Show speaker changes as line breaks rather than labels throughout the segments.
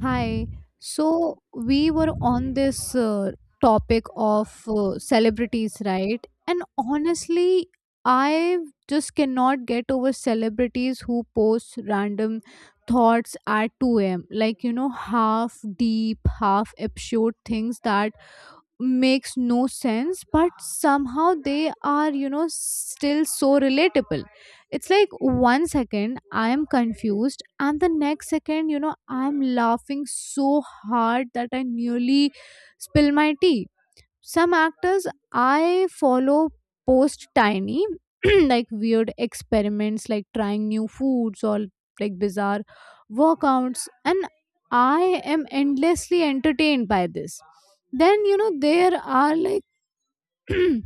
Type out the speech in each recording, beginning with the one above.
Hi. So we were on this topic of celebrities, right? And honestly, I just cannot get over celebrities who post random thoughts at 2 a.m. Like, half deep, half absurd things that makes no sense but somehow they are still so relatable. It's like one second I am confused, and the next second I'm laughing so hard that I nearly spill my tea. Some actors I follow post tiny like weird experiments, like trying new foods or like bizarre workouts, and I am endlessly entertained by this. Then there are like then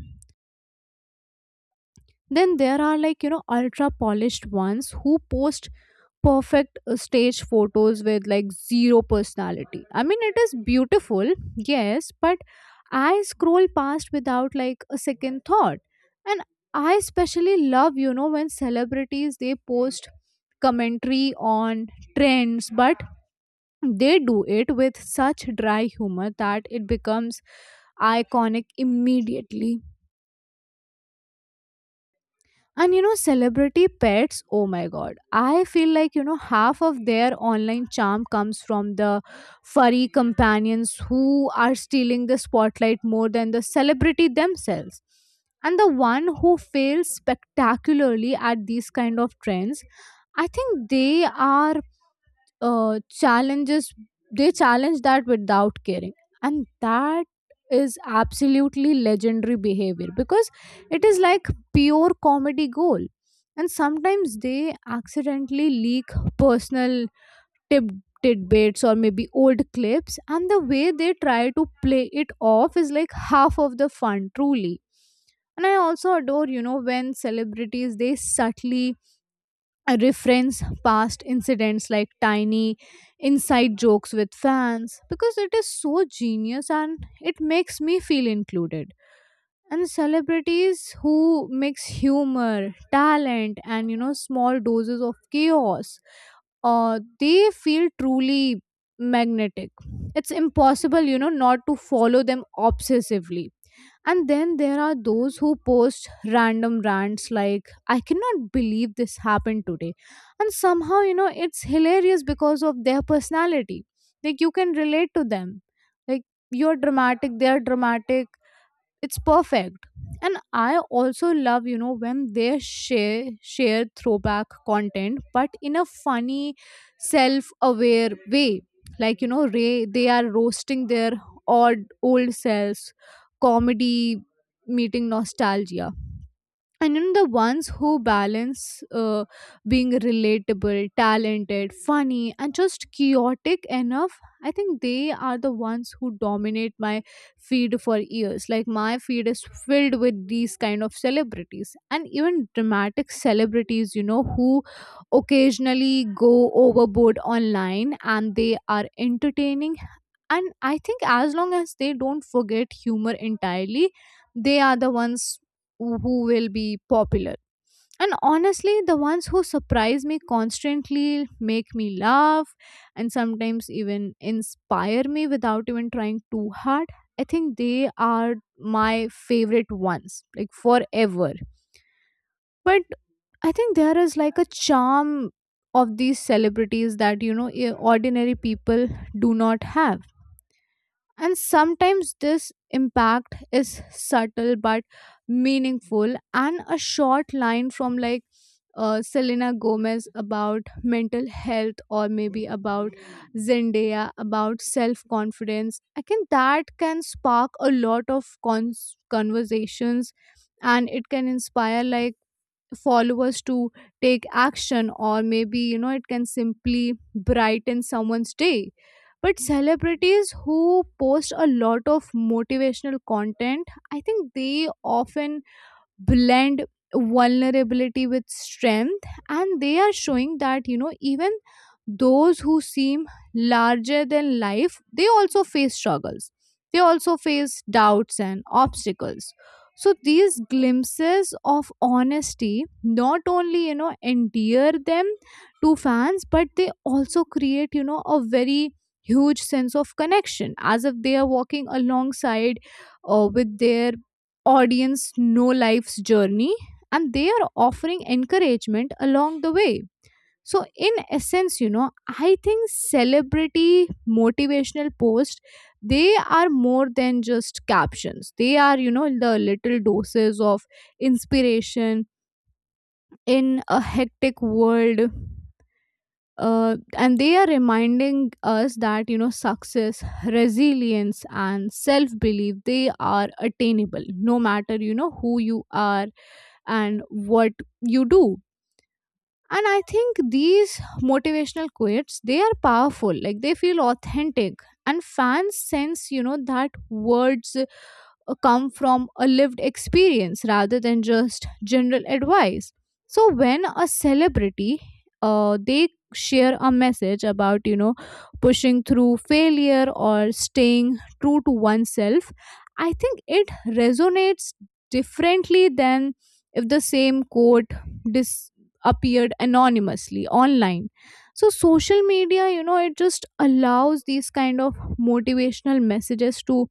there are like ultra polished ones who post perfect stage photos with like zero personality. I mean, it is beautiful, yes, but I scroll past without like a second thought. And I especially love, when celebrities they post commentary on trends, but they do it with such dry humor that it becomes iconic immediately. And celebrity pets, oh my god. I feel like, half of their online charm comes from the furry companions who are stealing the spotlight more than the celebrity themselves. And the one who fails spectacularly at these kind of trends, I think they are challenges, they challenge that without caring, and that is absolutely legendary behavior, because it is like pure comedy gold. And sometimes they accidentally leak personal tip tidbits or maybe old clips, and the way they try to play it off is like half of the fun truly. And I also adore when celebrities they subtly reference past incidents, like tiny inside jokes with fans, because it is so genius and it makes me feel included. And celebrities who mix humor, talent, and small doses of chaos, they feel truly magnetic. It's impossible, not to follow them obsessively. And then there are those who post random rants like, I cannot believe this happened today. And somehow, it's hilarious because of their personality. Like, you can relate to them. Like, you're dramatic, they're dramatic, it's perfect. And I also love when they share throwback content, but in a funny self-aware way, like ray they are roasting their odd old selves, comedy meeting nostalgia. And then the ones who balance uh, being relatable, talented, funny, and just chaotic enough, I think they are the ones who dominate my feed for years. Like my feed is filled with these kind of celebrities, and even dramatic celebrities, who occasionally go overboard online, and they are entertaining. And I think as long as they don't forget humor entirely, they are the ones who will be popular. And honestly, the ones who surprise me constantly make me laugh and sometimes even inspire me without even trying too hard, I think they are my favorite ones, like forever. But I think there is like a charm of these celebrities that ordinary people do not have. And sometimes this impact is subtle but meaningful. And a short line from like Selena Gomez about mental health, or maybe about Zendaya about self confidence. I can That can spark a lot of conversations, and it can inspire like followers to take action, or maybe it can simply brighten someone's day. But celebrities who post a lot of motivational content, I think they often blend vulnerability with strength, and they are showing that even those who seem larger than life, they also face struggles, they also face doubts and obstacles. So these glimpses of honesty not only endear them to fans, but they also create a very huge sense of connection, as if they are walking alongside with their audience know life's journey, and they are offering encouragement along the way. So in essence, I think celebrity motivational posts, they are more than just captions, they are the little doses of inspiration in a hectic world. And they are reminding us that success, resilience, and self belief, they are attainable no matter who you are and what you do. And I think these motivational quotes, they are powerful, like they feel authentic, and fans sense that words come from a lived experience rather than just general advice. So when a celebrity, they share a message about pushing through failure or staying true to oneself, I think it resonates differently than if the same quote dis- appeared anonymously online. So social media, it just allows these kind of motivational messages to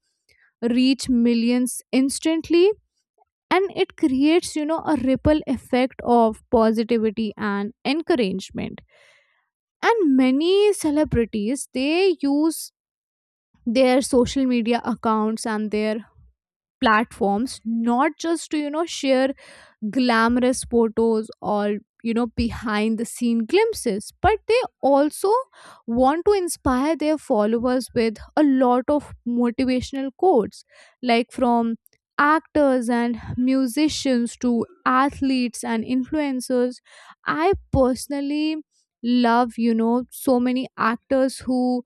reach millions instantly, and it creates a ripple effect of positivity and encouragement. And many celebrities, they use their social media accounts and their platforms not just to share glamorous photos or behind the scene glimpses, but they also want to inspire their followers with a lot of motivational quotes, like from actors and musicians to athletes and influencers. I personally love so many actors who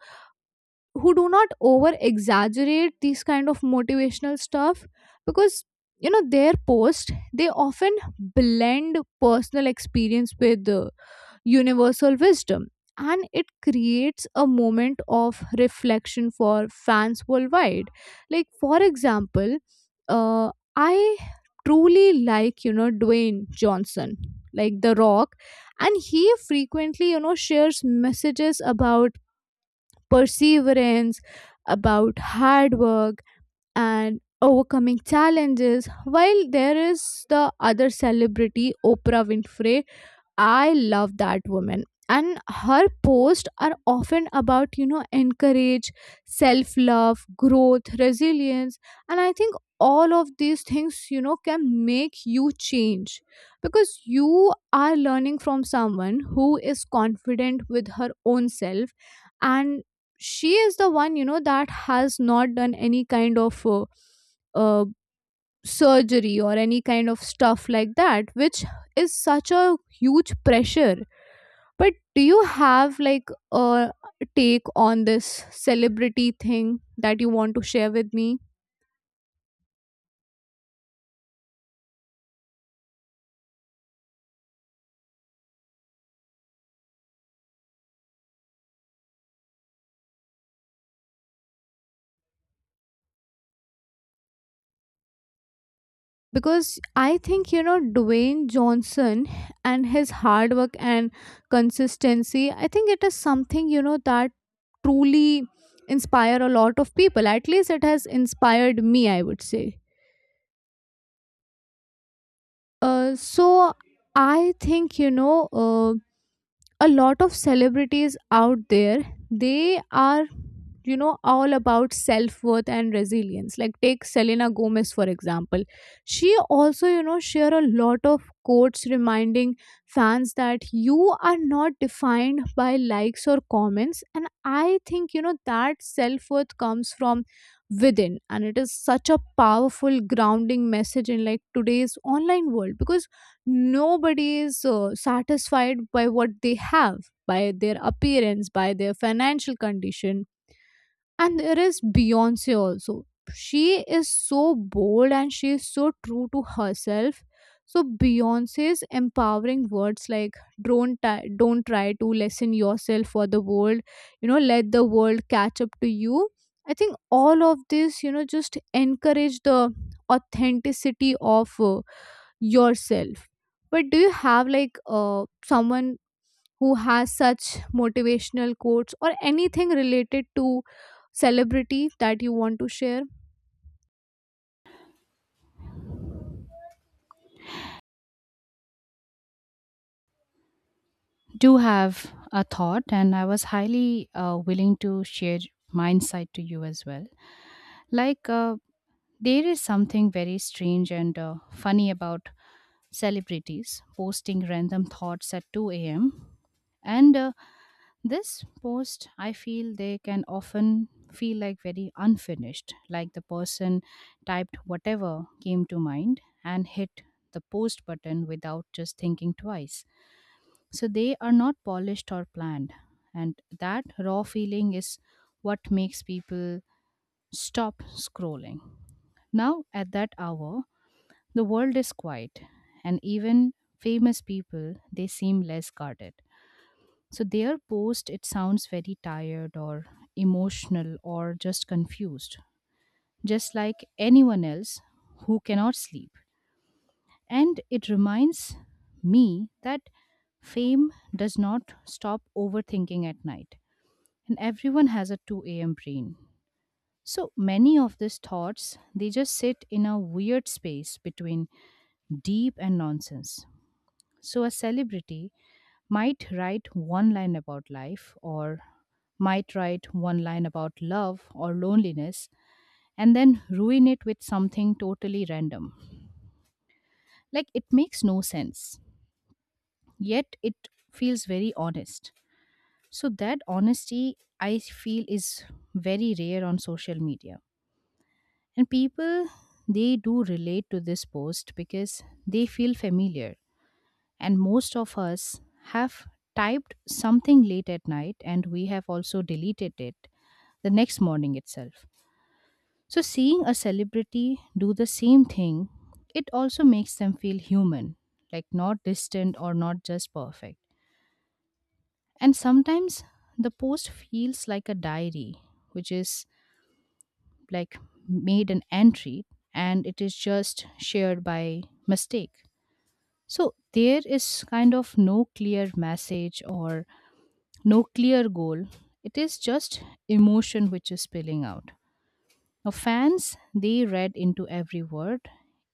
who do not over exaggerate these kind of motivational stuff, because their post, they often blend personal experience with universal wisdom, and it creates a moment of reflection for fans worldwide. Like for example, uh, I truly like Dwayne Johnson, like the Rock, and he frequently shares messages about perseverance, about hard work and overcoming challenges, while there is the other celebrity, Oprah Winfrey. I love that woman. And her posts are often about, encourage, self love, growth, resilience. And I think all of these things, can make you change because you are learning from someone who is confident with her own self. And she is the one, that has not done any kind of uh, surgery or any kind of stuff like that, which is such a huge pressure. But do you have like a take on this celebrity thing that you want to share with me, because I think Dwayne Johnson and his hard work and consistency, I think it is something that truly inspire a lot of people, at least it has inspired me, I would say. So I think a lot of celebrities out there, they are all about self-worth and resilience, like take Selena Gomez for example. She also share a lot of quotes reminding fans that you are not defined by likes or comments, and I think that self-worth comes from within, and it is such a powerful grounding message in like today's online world, because nobody is satisfied by what they have, by their appearance, by their financial condition. And there is Beyonce also. She is so bold and she is so true to herself. So Beyonce's empowering words like, don't try to lessen yourself for the world, let the world catch up to you. I think all of this, just encourage the authenticity of yourself. But do you have like someone who has such motivational quotes or anything related to celebrity that you want to share?
Do have a thought, and I was highly willing to share my insight to you as well. Like there is something very strange and funny about celebrities posting random thoughts at 2 a.m. And this post, I feel, they can often feel like very unfinished, like the person typed whatever came to mind and hit the post button without just thinking twice, so they are not polished or planned. And that raw feeling is what makes people stop scrolling. Now, at that hour, the world is quiet, and even famous people, they seem less guarded. So their post, it sounds very tired or emotional or just confused, just like anyone else who cannot sleep. And it reminds me that fame does not stop overthinking at night. And everyone has a 2 a.m. brain. So many of these thoughts, they just sit in a weird space between deep and nonsense. So a celebrity might write one line about life or might write one line about love or loneliness and then ruin it with something totally random. Like it makes no sense, yet it feels very honest. So that honesty, I feel, is very rare on social media. And people, they do relate to this post because they feel familiar. And most of us have typed something late at night, and we have also deleted it the next morning itself. So, seeing a celebrity do the same thing, it also makes them feel human, like not distant or not just perfect. And sometimes the post feels like a diary, which is like made an entry and it is just shared by mistake. So there is kind of no clear message or no clear goal. It is just emotion which is spilling out. Now, fans, they read into every word,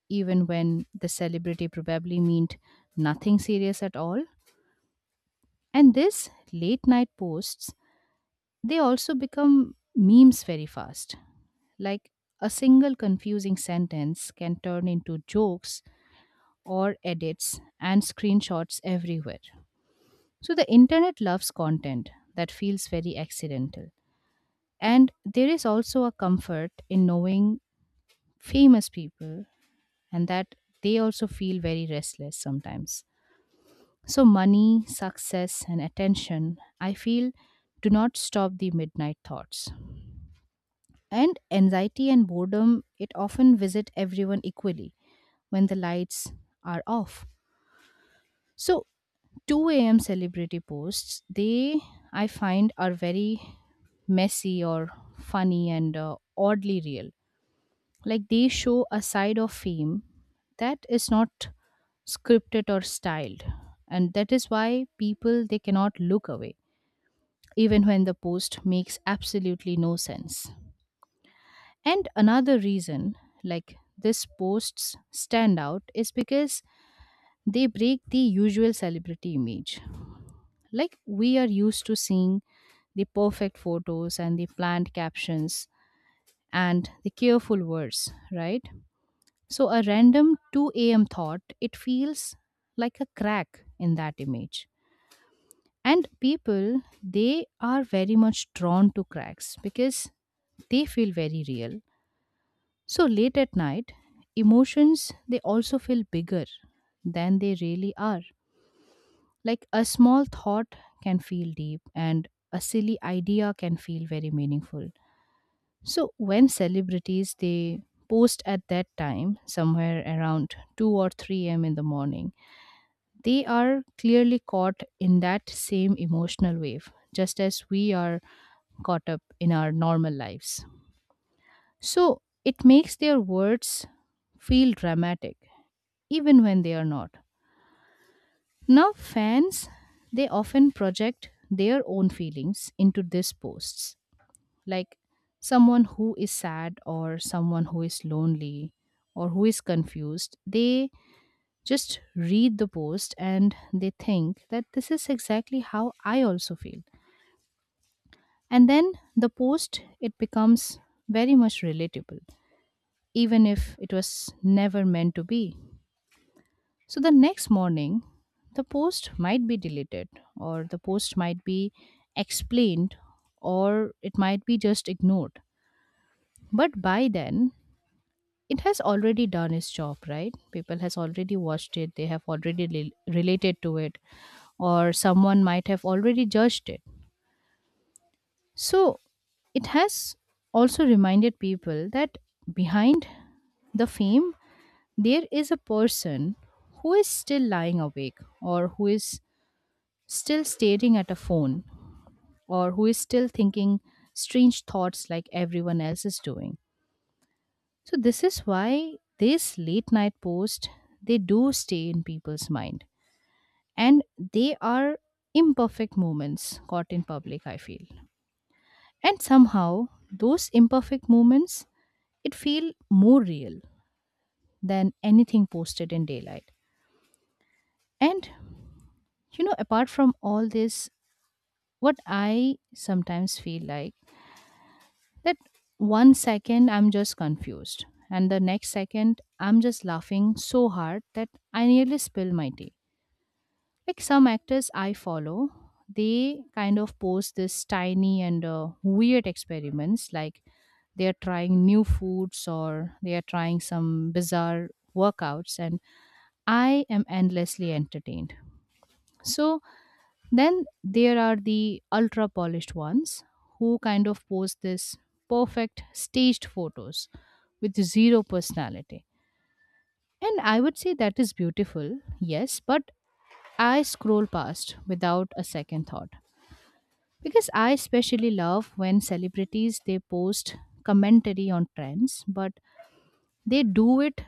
even when the celebrity probably meant nothing serious at all. And this late night posts, they also become memes very fast. Like a single confusing sentence can turn into jokes or edits and screenshots everywhere. So the internet loves content that feels very accidental. And there is also a comfort in knowing famous people, and that they also feel very restless sometimes. So, money, success, and attention, I feel, do not stop the midnight thoughts. And anxiety and boredom, it often visit everyone equally when the lights are off. So 2 a.m. celebrity posts, they, I find, are very messy or funny and oddly real. Like they show a side of fame that is not scripted or styled. And that is why people, they cannot look away even when the post makes absolutely no sense. And another reason, like this posts stand out, is because they break the usual celebrity image. Like we are used to seeing the perfect photos and the planned captions and the careful words, right? So a random 2 a.m. thought, it feels like a crack in that image. And people, they are very much drawn to cracks because they feel very real. So late at night, emotions, they also feel bigger than they really are. Like a small thought can feel deep and a silly idea can feel very meaningful. So when celebrities they post at that time somewhere around 2 or 3 a.m. in the morning, they are clearly caught in that same emotional wave just as we are caught up in our normal lives. So it makes their words feel dramatic even when they are not. Now, fans, they often project their own feelings into these posts, like someone who is sad or someone who is lonely or who is confused. They just read the post and they think that this is exactly how I also feel. And then the post, it becomes very much relatable, even if it was never meant to be. So the next morning, the post might be deleted, or the post might be explained, or it might be just ignored. But by then, it has already done its job, right? People has already watched it. They have already related to it, or someone might have already judged it. So it has also reminded people that behind the fame, there is a person who is still lying awake or who is still staring at a phone or who is still thinking strange thoughts like everyone else is doing. So this is why this late night post, they do stay in people's mind. And they are imperfect moments caught in public, I feel, and somehow those imperfect moments, it feel more real than anything posted in daylight. And you know, apart from all this, what I sometimes feel like that one second I'm just confused, and the next second I'm just laughing so hard that I nearly spill my tea. Like some actors I follow, they kind of post this tiny and weird experiments, like they are trying new foods or they are trying some bizarre workouts, and I am endlessly entertained. So then there are the ultra polished ones who kind of post this perfect staged photos with zero personality. And I would say that is beautiful, yes, but I scroll past without a second thought. Because I especially love when celebrities they post commentary on trends, but they do it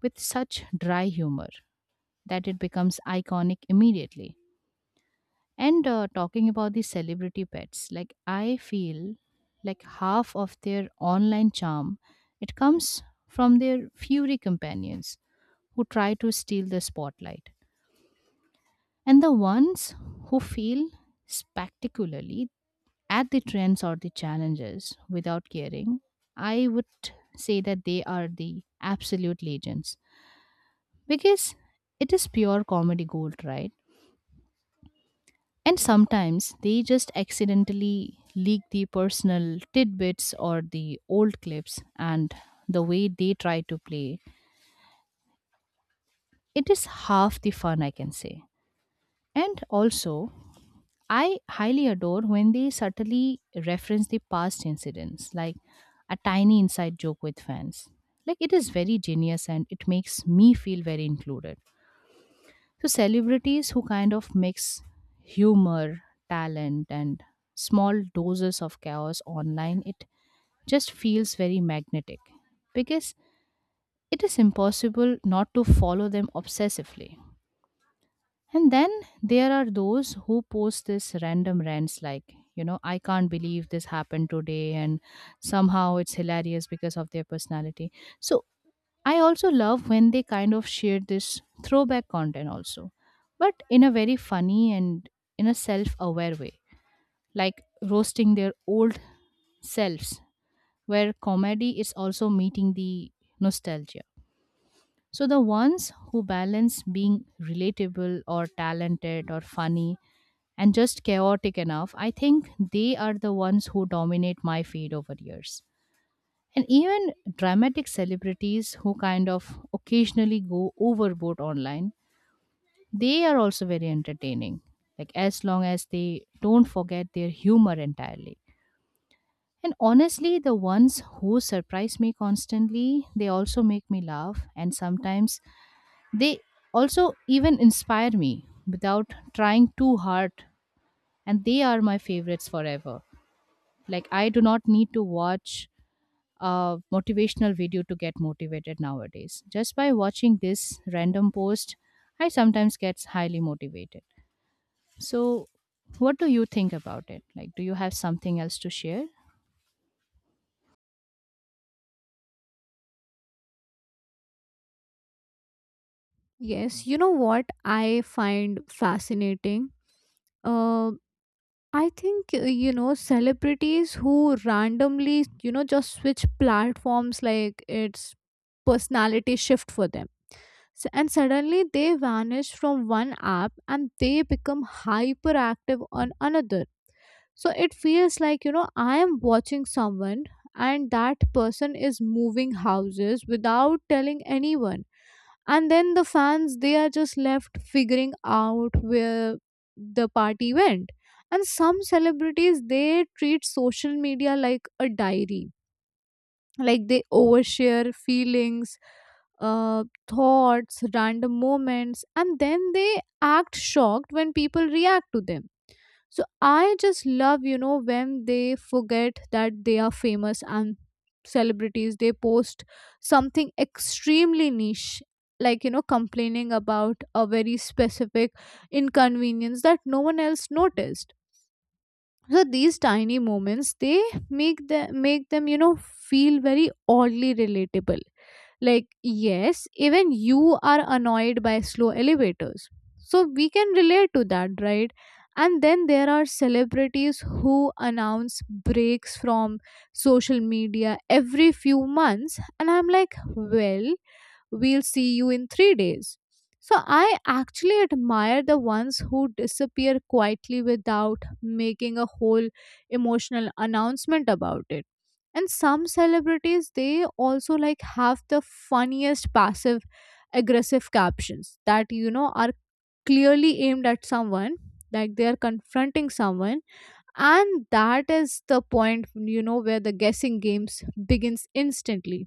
with such dry humor that it becomes iconic immediately. And talking about the celebrity pets, like I feel like half of their online charm, it comes from their furry companions who try to steal the spotlight. And the ones who fail spectacularly at the trends or the challenges without caring, I would say that they are the absolute legends because it is pure comedy gold, right? And sometimes they just accidentally leak the personal tidbits or the old clips, and the way they try to play, it is half the fun, I can say. And also, I highly adore when they subtly reference the past incidents, like a tiny inside joke with fans. Like, it is very genius and it makes me feel very included. So celebrities who kind of mix humor, talent, and small doses of chaos online, it just feels very magnetic because it is impossible not to follow them obsessively. And then there are those who post this random rants like, you know, I can't believe this happened today, and somehow it's hilarious because of their personality. So I also love when they kind of share this throwback content also, but in a very funny and in a self aware way, like roasting their old selves, where comedy is also meeting the nostalgia. So the ones who balance being relatable or talented or funny and just chaotic enough, I think they are the ones who dominate my feed over years. And even dramatic celebrities who kind of occasionally go overboard online, they are also very entertaining, like as long as they don't forget their humor entirely. And honestly, the ones who surprise me constantly, they also make me laugh and sometimes they also even inspire me without trying too hard, and they are my favorites forever. Like I do not need to watch motivational video to get motivated nowadays. Just by watching this random post, I sometimes get highly motivated. So, what do you think about it? Like, do you have something else to share?
Yes, you know what I find fascinating? Uh, I think, celebrities who randomly, just switch platforms like it's personality shift for them. So, and suddenly they vanish from one app and they become hyperactive on another. So it feels like, I am watching someone, and that person is moving houses without telling anyone. And then the fans, they are just left figuring out where the party went. And some celebrities, they treat social media like a diary. Like they overshare feelings, thoughts, random moments, and then they act shocked when people react to them. So I just love, when they forget that they are famous. And celebrities, they post something extremely niche, like, complaining about a very specific inconvenience that no one else noticed. So these tiny moments, they make them feel very oddly relatable, like, yes, even you are annoyed by slow elevators. So we can relate to that, right? And then there are celebrities who announce breaks from social media every few months. And I'm like, well, we'll see you in 3 days. So I actually admire the ones who disappear quietly without making a whole emotional announcement about it. And some celebrities, they also like have the funniest passive aggressive captions that are clearly aimed at someone, like they are confronting someone, and that is the point where the guessing games begins instantly.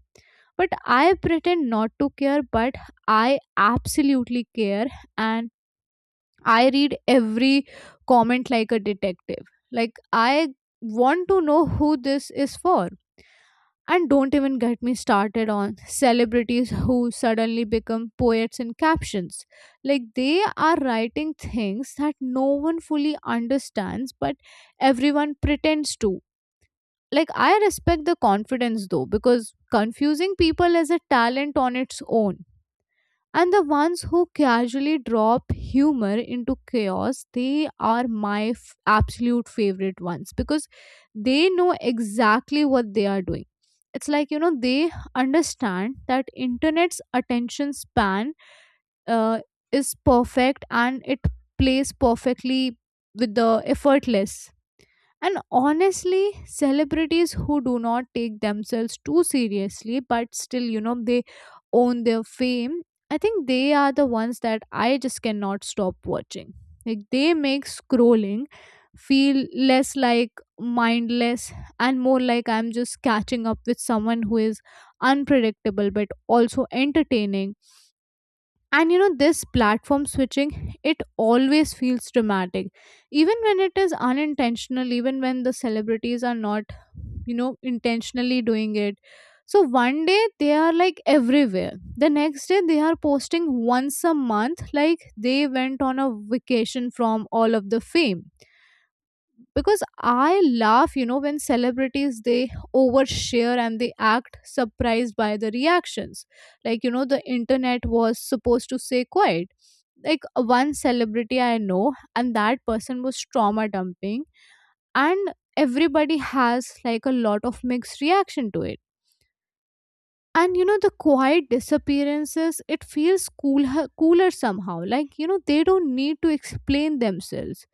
But I pretend not to care, but I absolutely care, and I read every comment like a detective, like I want to know who this is for. And don't even get me started on celebrities who suddenly become poets in captions. Like they are writing things that no one fully understands, but everyone pretends to. Like I respect the confidence though, because confusing people is a talent on its own. And the ones who casually drop humor into chaos, they are my absolute favorite ones because they know exactly what they are doing. It's like they understand that internet's attention span uh, is perfect, and it plays perfectly with the effortless. And honestly, celebrities who do not take themselves too seriously, but still, they own their fame, I think they are the ones that I just cannot stop watching. Like, they make scrolling feel less like mindless and more like I'm just catching up with someone who is unpredictable but also entertaining. And this platform switching, it always feels dramatic even when it is unintentional, even when the celebrities are not intentionally doing it. So one day they are like everywhere, the next day they are posting once a month, like they went on a vacation from all of the fame, because I laugh when celebrities they overshare and they act surprised by the reactions, like the internet was supposed to say quiet. Like one celebrity I know, and that person was trauma dumping, and everybody has like a lot of mixed reaction to it. And the quiet disappearances, it feels cool, cooler somehow. Like they don't need to explain themselves,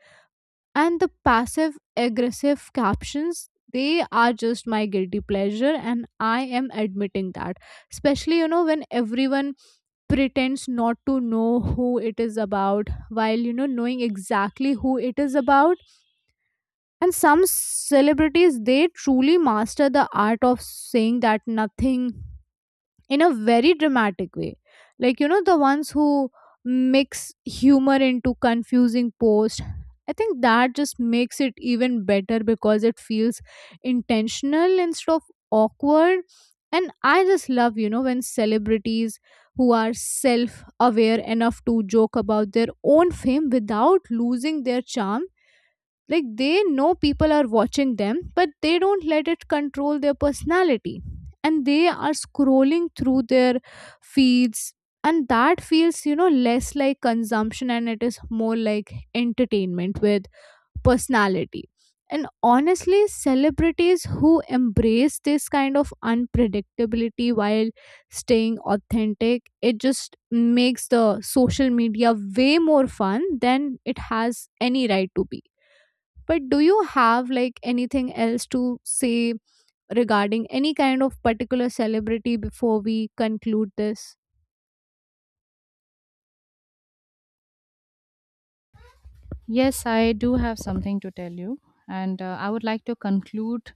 and the passive aggressive captions, they are just my guilty pleasure, and I am admitting that. Especially when everyone pretends not to know who it is about while knowing exactly who it is about. And some celebrities, they truly master the art of saying that nothing in a very dramatic way. Like the ones who mix humor into confusing posts, I think that just makes it even better because it feels intentional instead of awkward. And I just love when celebrities who are self aware enough to joke about their own fame without losing their charm, like they know people are watching them but they don't let it control their personality. And they are scrolling through their feeds, and that feels less like consumption, and it is more like entertainment with personality. And honestly, celebrities who embrace this kind of unpredictability while staying authentic, it just makes the social media way more fun than it has any right to be. But do you have like anything else to say regarding any kind of particular celebrity before we conclude this?
Yes, I do have something to tell you. And I would like to conclude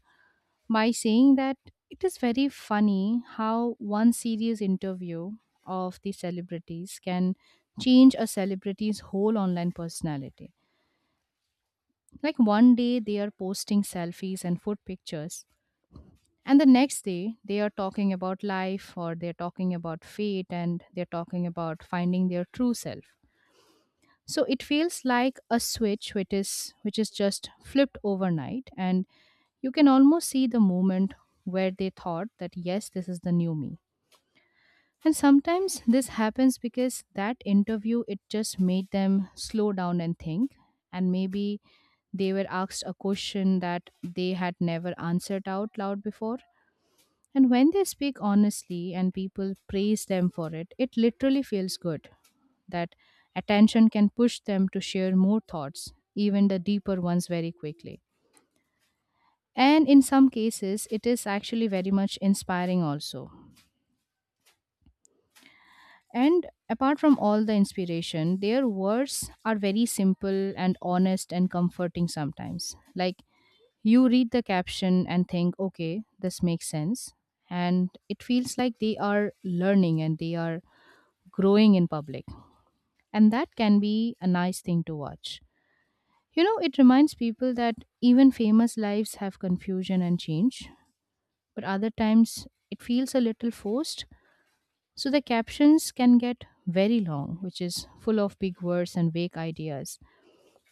by saying that it is very funny how one serious interview of the celebrities can change a celebrity's whole online personality. Like one day they are posting selfies and food pictures, and the next day they are talking about life or they're talking about fate and they're talking about finding their true self. So it feels like a switch which is just flipped overnight, and you can almost see the moment where they thought that yes, this is the new me. And sometimes this happens because that interview, it just made them slow down and think. And maybe they were asked a question that they had never answered out loud before. And when they speak honestly and people praise them for it, it literally feels good. That attention can push them to share more thoughts, even the deeper ones, very quickly. And in some cases, it is actually very much inspiring also. And apart from all the inspiration, their words are very simple and honest and comforting sometimes. Like you read the caption and think, okay, this makes sense. And it feels like they are learning and they are growing in public. And that can be a nice thing to watch. You know, it reminds people that even famous lives have confusion and change, but other times it feels a little forced. So the captions can get very long, which is full of big words and vague ideas.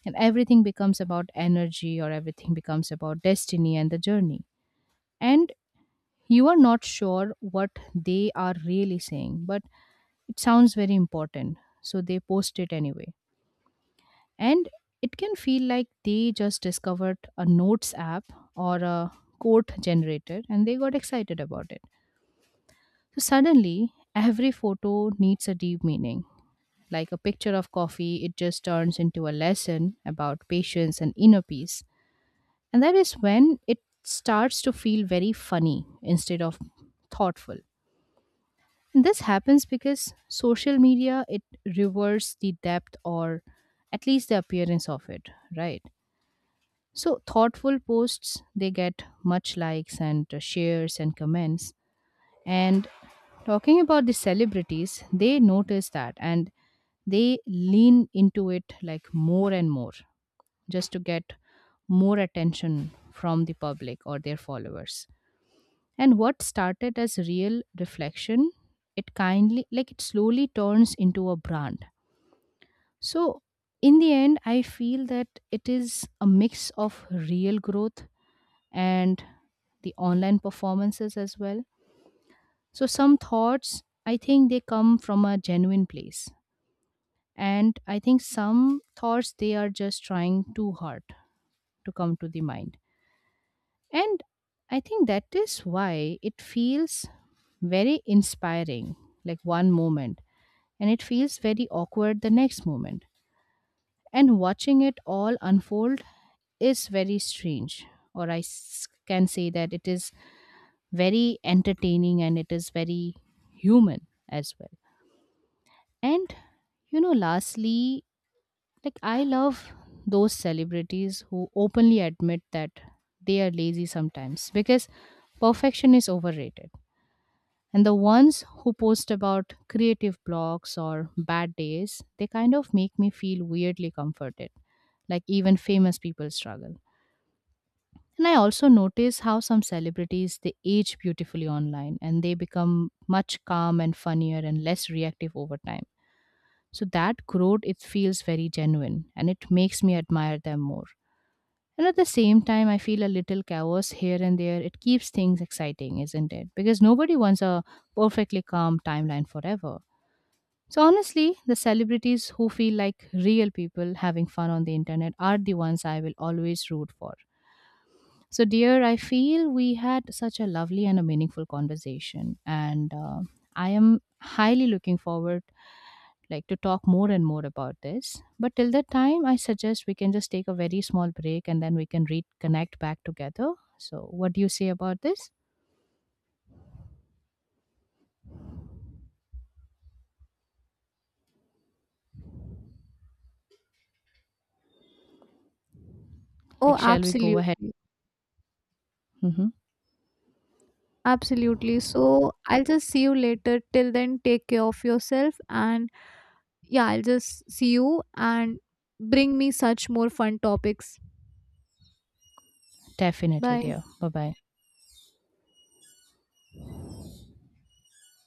And everything becomes about energy or everything becomes about destiny and the journey. And you are not sure what they are really saying, but it sounds very important. So they post it anyway. And it can feel like they just discovered a notes app or a quote generator and they got excited about it. So suddenly, every photo needs a deep meaning. Like a picture of coffee, it just turns into a lesson about patience and inner peace. And that is when it starts to feel very funny instead of thoughtful. And this happens because social media, it reverses the depth or at least the appearance of it, right? So thoughtful posts, they get much likes and shares and comments. And talking about the celebrities, they notice that and they lean into it like more and more just to get more attention from the public or their followers. And what started as real reflection, it kindly, like it slowly turns into a brand. So, in the end, I feel that it is a mix of real growth and the online performances as well. So some thoughts, I think they come from a genuine place. And I think some thoughts, they are just trying too hard to come to the mind. And I think that is why it feels very inspiring, like one moment, and it feels very awkward the next moment. And watching it all unfold is very strange, or I can say that it is very entertaining and it is very human as well. And you know, lastly, like I love those celebrities who openly admit that they are lazy sometimes because perfection is overrated. And the ones who post about creative blocks or bad days, they kind of make me feel weirdly comforted. Like even famous people struggle. And I also notice how some celebrities they age beautifully online and they become much calm and funnier and less reactive over time. So that growth, it feels very genuine and it makes me admire them more. And at the same time I feel a little chaos here and there. It keeps things exciting, isn't it? Because nobody wants a perfectly calm timeline forever. So honestly, the celebrities who feel like real people having fun on the internet are the ones I will always root for. So, dear, I feel we had such a lovely and a meaningful conversation, and I am highly looking forward like to talk more and more about this. But till that time, I suggest we can just take a very small break and then we can reconnect back together. So, what do you say about this? Like,
Oh,
shall we go ahead?
absolutely.
Hmm.
Absolutely. So I'll just see you later. Till then, take care of yourself. And yeah, I'll just see you and bring me such more fun topics.
Definitely,
Bye.
dear. Bye bye.